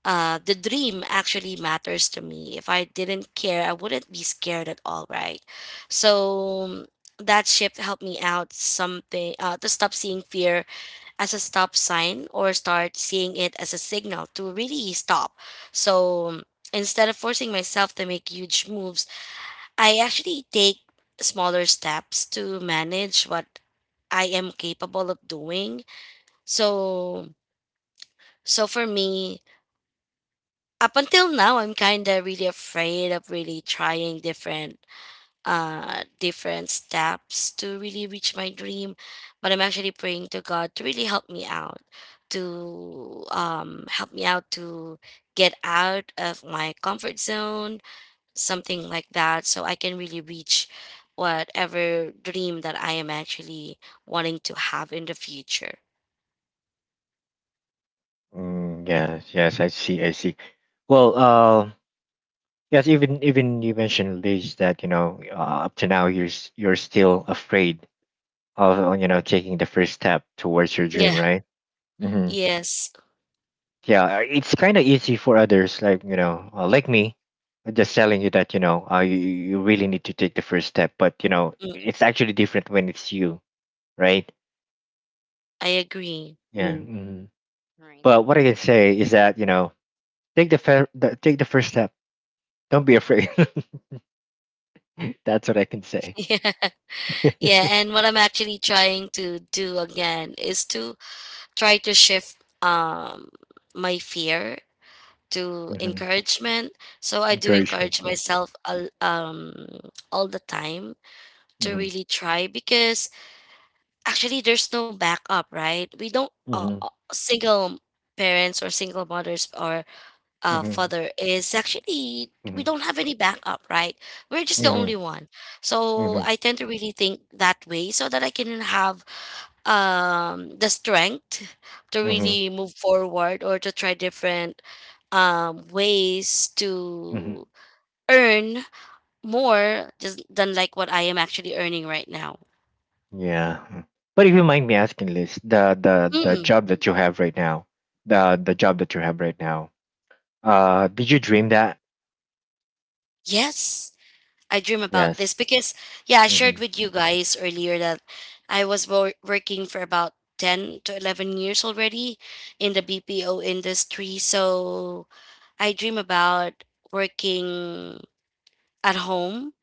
Speaker 3: the dream actually matters to me. If I didn't care, I wouldn't be scared at all, right? So that shift helped me out something to stop seeing fear as a stop sign or start seeing it as a signal to really stop. So instead of forcing myself to make huge moves, I actually take smaller steps to manage what I am capable of doing. So so for me, up until now I'm kind of really afraid of really trying different different steps to really reach my dream, but I'm actually praying to God to really help me out to help me out to get out of my comfort zone, something like that, so I can really reach whatever dream that I am actually wanting to have in the future.
Speaker 1: Mm, yes, yes, I see, I see. Well, yes, even you mentioned, Liz, that, up to now, you're still afraid of, taking the first step towards your dream,
Speaker 3: Yeah,
Speaker 1: right? Mhm.
Speaker 3: yes.
Speaker 1: Yeah, it's kind of easy for others like you know like me, just telling you that you know you really need to take the first step, but you know
Speaker 3: Mm,
Speaker 1: it's actually different when it's you, right?
Speaker 3: I agree.
Speaker 1: Yeah. Hmm.
Speaker 2: right.
Speaker 1: But what I can say is that you know take the take the first step, don't be afraid. That's what I can say.
Speaker 3: Yeah, and what I'm actually trying to do again is to try to shift um my fear to
Speaker 1: Hmm.
Speaker 3: encouragement. So I do
Speaker 1: Encouragement,
Speaker 3: encourage
Speaker 1: yeah.
Speaker 3: myself all the time to
Speaker 1: Mm-hmm.
Speaker 3: really try because actually there's no backup, right? We don't
Speaker 1: Mm-hmm.
Speaker 3: single parents or single mothers or
Speaker 1: Mm-hmm.
Speaker 3: father is actually we
Speaker 1: Mm-hmm.
Speaker 3: don't have any backup, right? We're just the
Speaker 1: Mm-hmm.
Speaker 3: only one. So
Speaker 1: Mm-hmm.
Speaker 3: I tend to really think that way so that I can have the strength to
Speaker 1: Mm-hmm.
Speaker 3: really move forward or to try different ways
Speaker 1: Mm-hmm.
Speaker 3: to earn more just than like what I am actually earning right now.
Speaker 1: Yeah. Mm. But if you mind me asking, Liz, the
Speaker 3: Mm,
Speaker 1: job that you have right now, the job that you have right now, did you dream that?
Speaker 3: yes, I dream about this
Speaker 1: Yes.
Speaker 3: because yeah, I
Speaker 1: Hmm.
Speaker 3: shared with you guys earlier that I was working for about 10 to 11 years already in the BPO industry. So I dream about working at home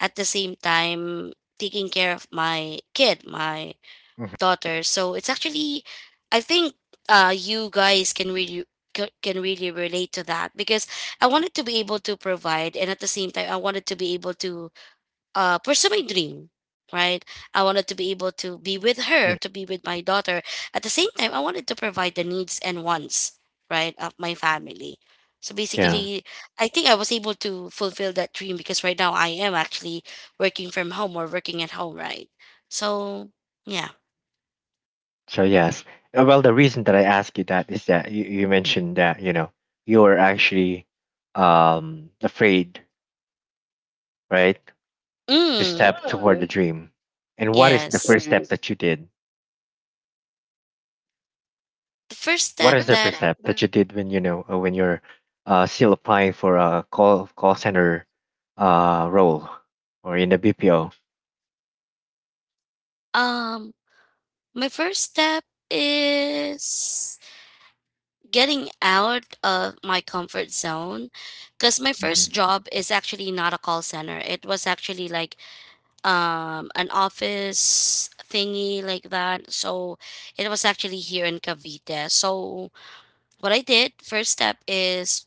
Speaker 3: at the same time taking care of my kid, my
Speaker 1: Hmm.
Speaker 3: daughter. So it's actually, I think, you guys can really can really relate to that because I wanted to be able to provide, and at the same time, I wanted to be able to pursue my dream, right? I wanted to be able to be with her, to be with my daughter. At the same time, I wanted to provide the needs and wants, right, of my family. So
Speaker 1: Yeah.
Speaker 3: basically, I think I was able to fulfill that dream because right now I am actually working from home or working at home, right? So, yeah.
Speaker 1: So yes. Well,
Speaker 3: Yes.
Speaker 1: the reason that I ask you that is that you mentioned that you know you are actually afraid, right, to
Speaker 3: Mm,
Speaker 1: step toward the, mm, dream. And what is the
Speaker 3: yes.
Speaker 1: first step, yes, that you did?
Speaker 3: The first
Speaker 1: What
Speaker 3: step
Speaker 1: is the first
Speaker 3: that
Speaker 1: step that you did when you know when you're still applying for a call center role or in the BPO?
Speaker 3: um my first step is getting out of my comfort zone, because my first
Speaker 1: Hmm.
Speaker 3: job is actually not a call center, it was actually like an office thingy like that. So it was actually here in Cavite. So what I did first step is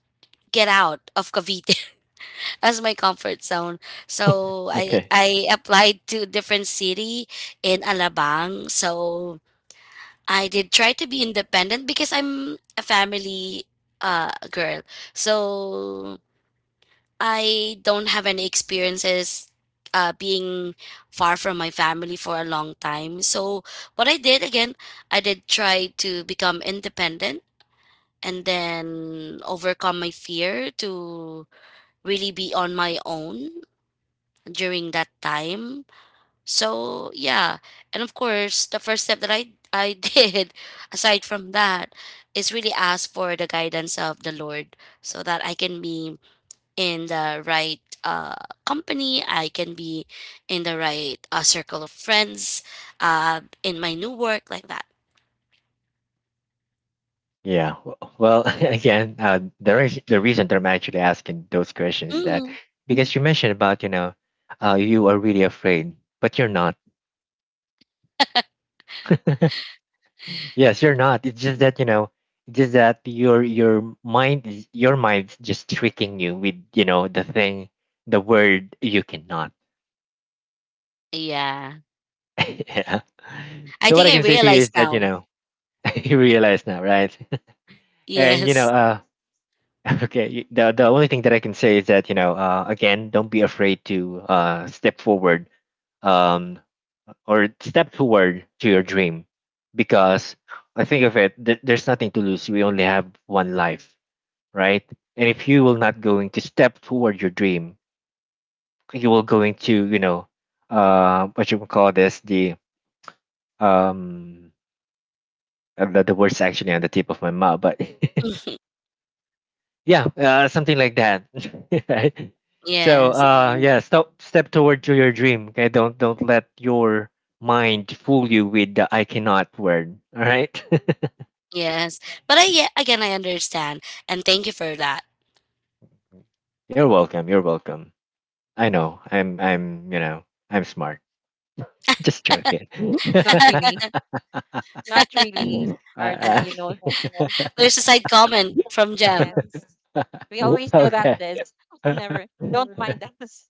Speaker 3: get out of Cavite as my comfort zone. So i
Speaker 1: Okay.
Speaker 3: i applied to different city in Alabang. So I did try to be independent because I'm a family girl. So I don't have any experiences being far from my family for a long time. So what I did again, I did try to become independent and then overcome my fear to really be on my own during that time, so yeah, and of course, the first step that I did, aside from that, is really ask for the guidance of the Lord, so that I can be in the right company. I can be in the right circle of friends, in my new work like that.
Speaker 1: Yeah. Well, again, the reason that I'm actually asking those questions is that
Speaker 3: Mm,
Speaker 1: because you mentioned about you know you are really afraid, but you're not. Yes, you're not. It's just that you know, it's just that your mind's just tricking you with you know the thing, the word you cannot.
Speaker 3: yeah,
Speaker 1: Yeah.
Speaker 3: I
Speaker 1: So
Speaker 3: think
Speaker 1: what I
Speaker 3: I
Speaker 1: can say to you
Speaker 3: realize
Speaker 1: is that you
Speaker 3: now.
Speaker 1: know you realize now, right? And you know,
Speaker 3: Yes.
Speaker 1: okay. The only thing that I can say is that you know, again, don't be afraid to step forward, um, or step forward to your dream, because I think of it. There's nothing to lose. We only have one life, right? And if you will not going to step toward your dream, you will going to you know, what you call this, the um the word's actually on the tip of my mouth, but yeah, something like that. Right? So
Speaker 3: Yes,
Speaker 1: yeah, stop, step toward to your dream. Okay, don't let your mind fool you with the "I cannot" word. All right.
Speaker 3: yes. But I, yeah, again, I understand. And thank you for that.
Speaker 1: You're welcome. You're welcome. I know. I'm. I'm. You know. I'm smart. Just joking.
Speaker 2: Not really. Not really. Arjun,
Speaker 1: uh,
Speaker 2: you know,
Speaker 3: There's a side comment from Jem.
Speaker 2: yes, we always do that,
Speaker 1: okay.
Speaker 2: Liz. Never, don't mind us.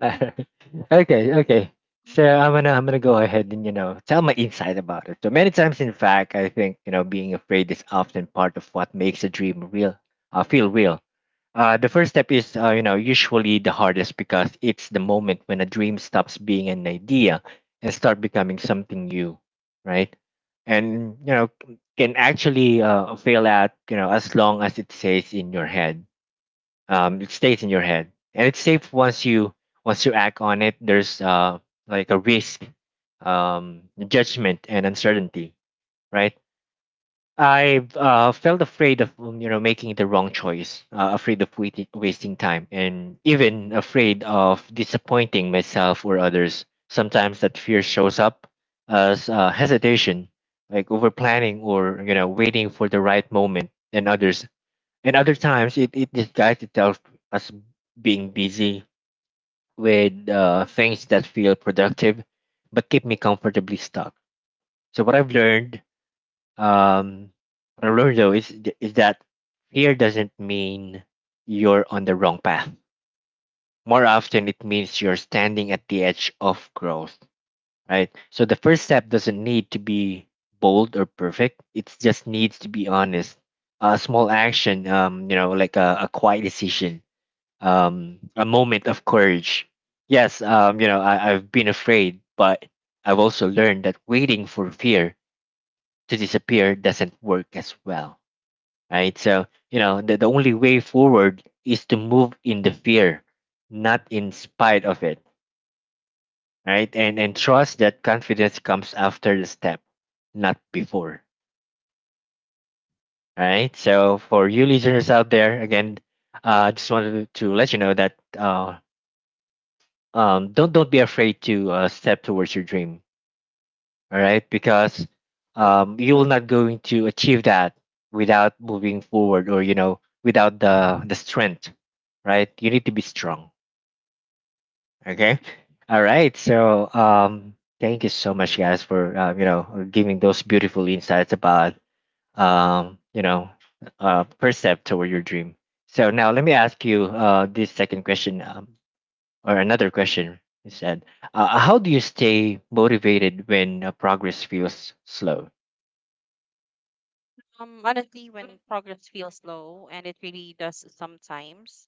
Speaker 1: Uh, okay, okay. So I'm gonna go ahead and you know tell my insight about it. So many times, in fact, I think you know being afraid is often part of what makes a dream feel real. The first step is you know usually the hardest because it's the moment when a dream stops being an idea and start becoming something new, right? And you know can actually fail at you know as long as it stays in your head, it stays in your head and it's safe. Once you once you act on it, there's like a risk, um, judgment and uncertainty, right? I've felt afraid of you know making the wrong choice, afraid of wasting time, and even afraid of disappointing myself or others. Sometimes that fear shows up as hesitation, like over planning or you know waiting for the right moment and others, and other times it disguises itself as being busy with things that feel productive but keep me comfortably stuck. So um, what I've learned though is that fear doesn't mean you're on the wrong path. More often it means you're standing at the edge of growth. Right. So the first step doesn't need to be bold or perfect. It just needs to be honest. A small action, you know, like a quiet decision, a moment of courage. Yes, you know, I've been afraid, but I've also learned that waiting for fear to disappear doesn't work as well, right? So, you know, the only way forward is to move in the fear, not in spite of it, right? And trust that confidence comes after the step, not before, right? So, for you listeners out there, again, I just wanted to let you know that don't be afraid to step towards your dream. All right, because
Speaker 3: Doing.
Speaker 1: you're not going to achieve that without moving forward, or you know, without the strength. Right, you need to be strong. Okay, all right. So thank you so much, guys, for you know giving those beautiful insights about you know first step toward your dream. So now let me ask you this second question. Or another question is that how do you stay motivated when progress feels slow?
Speaker 2: Honestly, when progress feels slow, and it really does sometimes,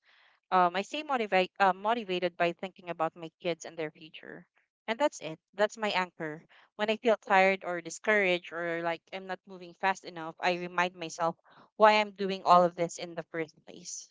Speaker 2: I stay motivated by thinking about my kids and their future. And that's it. That's my anchor. When I feel tired or discouraged or like I'm not moving fast enough, I remind myself why I'm doing all of this in the first place.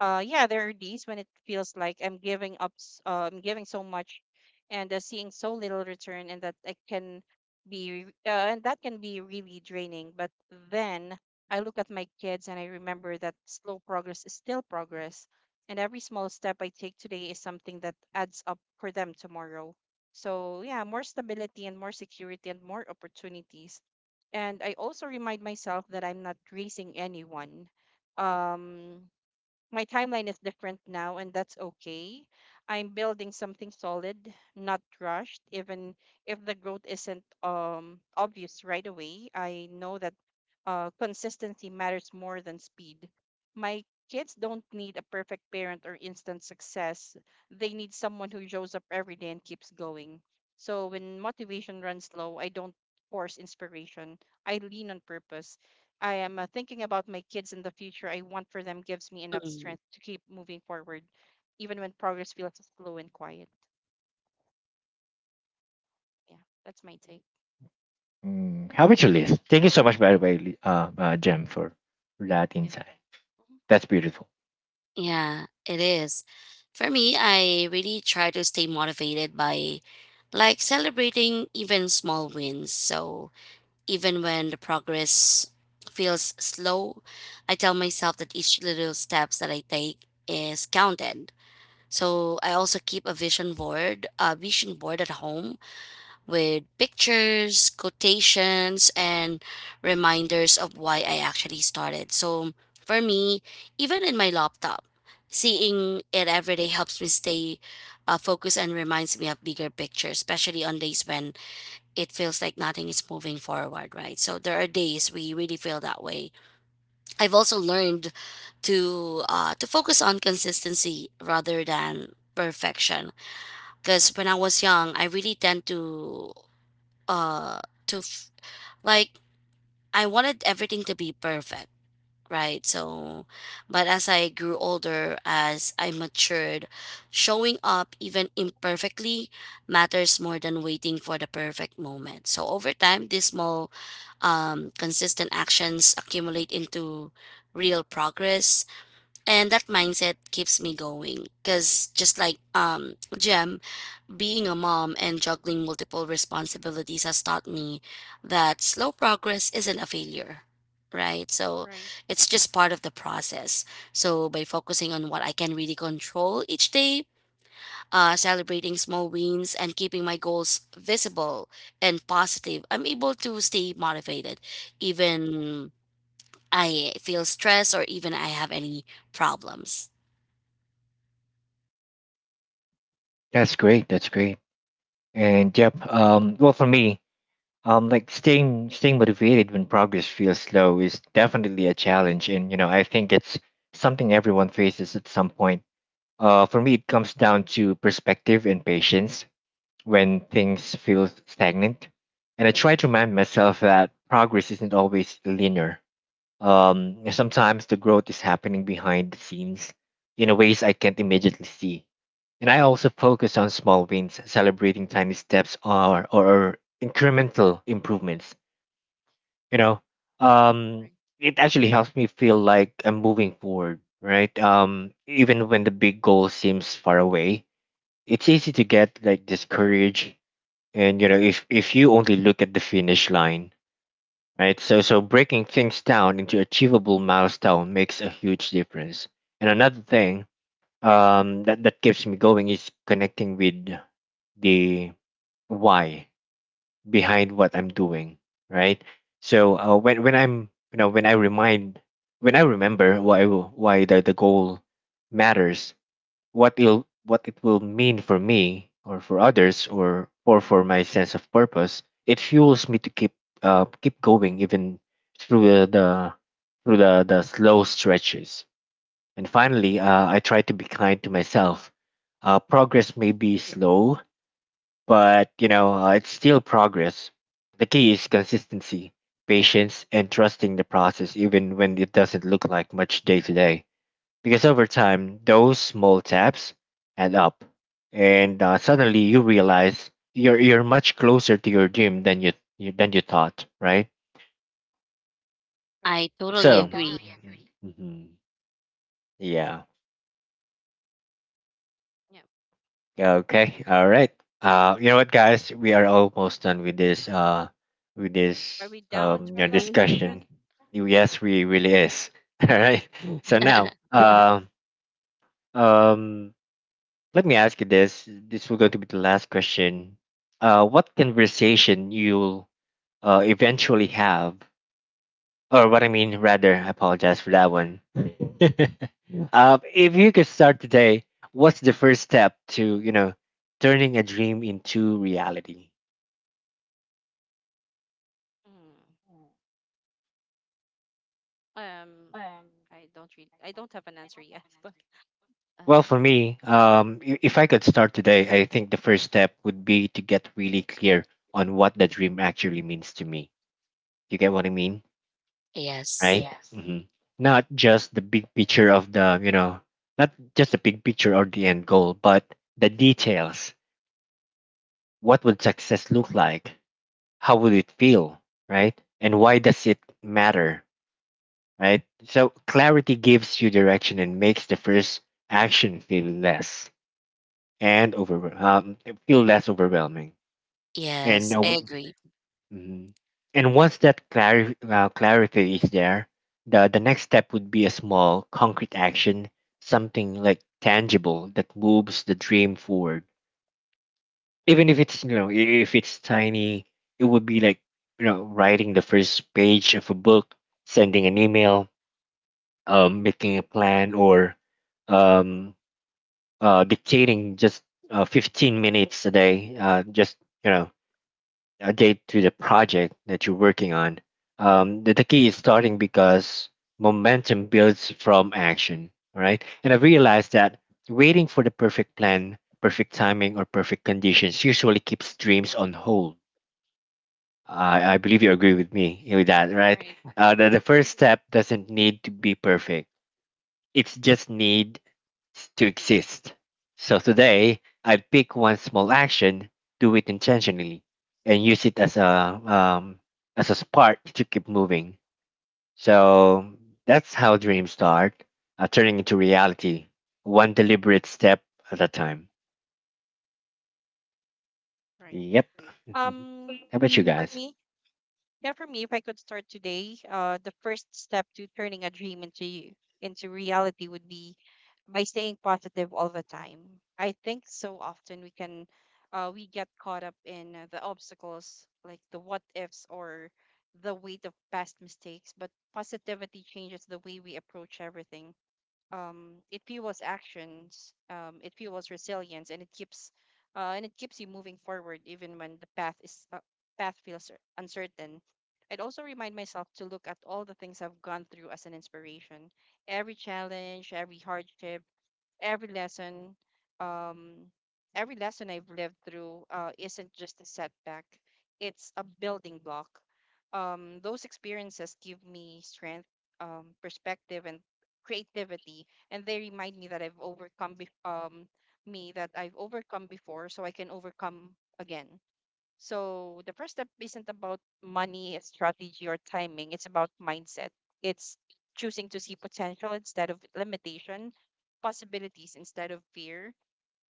Speaker 2: Yeah, there are days when it feels like I'm giving up, I'm giving so much and seeing so little return, and that I can be, re- and that can be really draining. But then I look at my kids and I remember that slow progress is still progress, and every small step I take today is something that adds up for them tomorrow. So, yeah, more stability and more security and more opportunities. And I also remind myself that I'm not racing anyone. Um, my timeline is different now, and that's okay. I'm building something solid, not rushed. Even if the growth isn't obvious right away, I know that consistency matters more than speed. My kids don't need a perfect parent or instant success. They need someone who shows up every day and keeps going. So when motivation runs low, I don't force inspiration. I lean on purpose. I am thinking about my kids in the future I want for them gives me enough
Speaker 3: Mm.
Speaker 2: strength to keep moving forward, even when progress feels slow and quiet. Yeah, that's my take.
Speaker 1: Mm, how about you, Liz? Thank you so much, by the way, Jem, for that
Speaker 2: Yeah.
Speaker 1: insight.
Speaker 2: Mhm.
Speaker 1: That's beautiful.
Speaker 3: Yeah, it is. For me, I really try to stay motivated by like celebrating even small wins. So even when the progress feels slow, I tell myself that each little steps that I take is counted. So I also keep a vision board at home with pictures, quotations, and reminders of why I actually started. So for me, even in my laptop, seeing it every day helps me stay focused and reminds me of bigger picture, especially on days when it feels like nothing is moving forward, right? So there are days we really feel that way. I've also learned to focus on consistency rather than perfection, because when I was young I really tend to uh to f- like I wanted everything to be perfect, right? So but as I grew older, as I matured, showing up even imperfectly matters more than waiting for the perfect moment. So over time, these small consistent actions accumulate into real progress, and that mindset keeps me going because just like Jem, being a mom and juggling multiple responsibilities has taught me that slow progress isn't a failure, right? So
Speaker 2: Right.
Speaker 3: it's just part of the process. So by focusing on what I can really control each day, celebrating small wins, and keeping my goals visible and positive, I'm able to stay motivated even I feel stressed or even I have any problems.
Speaker 1: That's great. That's great. And yep. Well, for me, like staying motivated when progress feels slow is definitely a challenge, and you know, I think it's something everyone faces at some point. For me, it comes down to perspective and patience when things feel stagnant. And I try to remind myself that progress isn't always linear. And sometimes the growth is happening behind the scenes in a ways I can't immediately see. And I also focus on small wins, celebrating tiny steps or incremental improvements. You know, um,
Speaker 2: Right.
Speaker 1: it actually helps me feel like I'm moving forward, right? Even when the big goal seems far away, it's easy to get like discouraged, and you know, if you only look at the finish line, right? So so breaking things down into achievable milestone makes a huge difference. And another thing, um, that keeps me going is connecting with the why behind what I'm doing, right? So when I'm, you know, when I remind when I remember why the goal matters, what it'll, what it will mean for me or for others, or for my sense of purpose, it fuels me to keep keep going, even through the, through the slow stretches. And finally, I try to be kind to myself. Progress may be slow, but you know, it's still progress. The key is consistency, patience, and trusting the process, even when it doesn't look like much day to day, because over time those small taps add up and suddenly you realize you're much closer to your dream than you thought, right?
Speaker 2: Right.
Speaker 3: I totally
Speaker 1: So,
Speaker 3: agree.
Speaker 1: mhm, yeah,
Speaker 2: Yeah.
Speaker 1: okay, all right. You know what, guys, we are almost done with this with
Speaker 2: Are
Speaker 1: this,
Speaker 2: we down
Speaker 1: um,
Speaker 2: to
Speaker 1: you
Speaker 2: our
Speaker 1: know,
Speaker 2: last
Speaker 1: discussion.
Speaker 2: question?
Speaker 1: Yes, we really is. All right, so now um um let me ask you this. This will going to be the last question. What conversation you'll eventually have, or what I mean, rather, I apologize for that one. If you could start today, what's the first step to you know turning a dream into reality?
Speaker 2: Mm. Um, I don't read. I don't have an answer yet, but
Speaker 1: Well,
Speaker 2: Um,
Speaker 1: for me, if I could start today, I think the first step would be to get really clear on what the dream actually means to me. You get what I mean?
Speaker 3: Yes.
Speaker 1: Right? Hmm. Not just the big picture of the, you know, not just the big picture or the end goal, but the details. What would success look like? How would it feel, right? And why does it matter, right? So clarity gives you direction and makes the first action and over um, feel less overwhelming. And
Speaker 3: Yes, I agree.
Speaker 1: mhm, and once that clarity is there, the next step would be a small, concrete action, something like tangible that moves the dream forward. Even if it's you know if it's tiny, it would be like you know writing the first page of a book, sending an email, making a plan, or um, dictating just 15 minutes a day, just you know update to the project that you're working on. The key is starting because momentum builds from action, all right? And I realized that waiting for the perfect plan, perfect timing, or perfect conditions usually keeps dreams on hold. I believe you agree with me with that, right?
Speaker 2: right. Hmm.
Speaker 1: The first step doesn't need to be perfect, it's just need to exist. So today, I pick one small action, do it intentionally, and use it um, as a spark to keep moving. So that's how dreams start, turning into reality, one deliberate step at a time.
Speaker 2: Right.
Speaker 1: Yep.
Speaker 2: Right.
Speaker 1: How about you
Speaker 2: For
Speaker 1: guys?
Speaker 2: me, yeah, for me, if I could start today, the first step to turning a dream into reality would be by staying positive all the time. I think so often we get caught up in the obstacles, like the what ifs or the weight of past mistakes. But positivity changes the way we approach everything. It fuels actions. It fuels resilience, and it keeps you moving forward even when the path feels uncertain. I'd also remind myself to look at all the things I've gone through as an inspiration. Every challenge, every hardship, every lesson um every lesson I've lived through isn't just a setback. It's a building block. Those experiences give me strength, perspective, and creativity, and they remind me that I've overcome before, so I can overcome again. So the first step isn't about money, strategy, or timing. It's about mindset. It's choosing to see potential instead of limitation, possibilities instead of fear.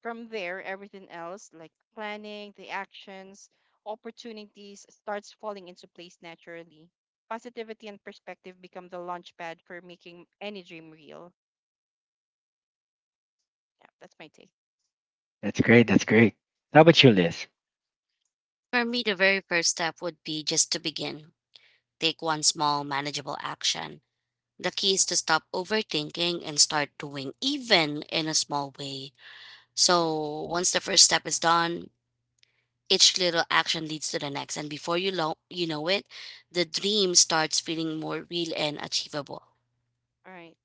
Speaker 2: From there, everything else, like planning, the actions, opportunities, starts falling into place naturally. Positivity and perspective become the launch pad for making any dream real. Yeah, that's my take.
Speaker 1: That's great. That's great. How about you, Liz?
Speaker 3: For me, the very first step would be just to begin. Take one small,
Speaker 2: Mhm.
Speaker 3: manageable action. The key is to stop overthinking and start doing, even in a small way.
Speaker 2: Yep.
Speaker 3: So, once the first step is done, each little action leads to the next. And before you know it, the dream starts feeling more real and achievable.
Speaker 2: All right.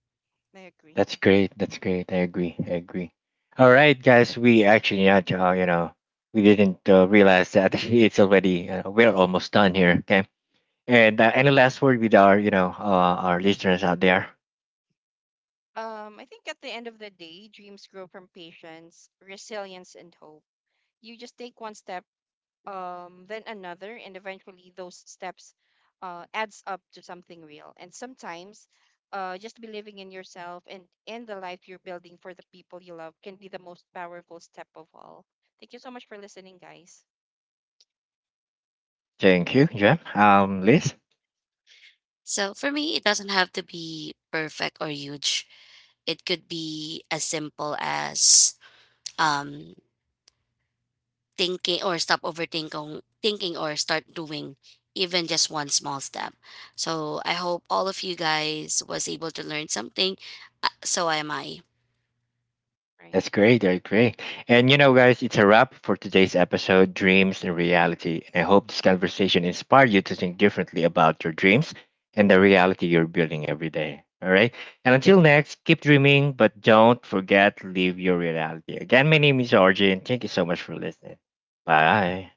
Speaker 2: I agree.
Speaker 1: That's great. That's great. I agree. I agree. All right, guys. We actually not, you know, we didn't realize that it's already, we're almost done here. Okay. And any last word with our, you know, our listeners out there?
Speaker 2: I think at the end of the day, dreams grow from patience, resilience, and hope. You just take one step, then another, and eventually those steps adds up to something real. And sometimes, just believing in yourself and in the life you're building for the people you love can be the most powerful step of all. Thank you so much for listening, guys.
Speaker 1: Thank you, Jem. Liz?
Speaker 3: So, for me, it doesn't have to be perfect or huge. It could be as simple as um, thinking or stop overthinking thinking or start doing, even just one small step. So I hope all of you guys was able to learn something. So am I.
Speaker 2: Right.
Speaker 1: That's great. That's great. And you know, guys, it's a wrap for today's episode Dreams and Reality. And I hope this conversation inspired you to think differently about your dreams and the reality you're building every day. All right. And until next, keep dreaming, but don't forget, live your reality. Again, my name is RJ, and thank you so much for listening. Bye.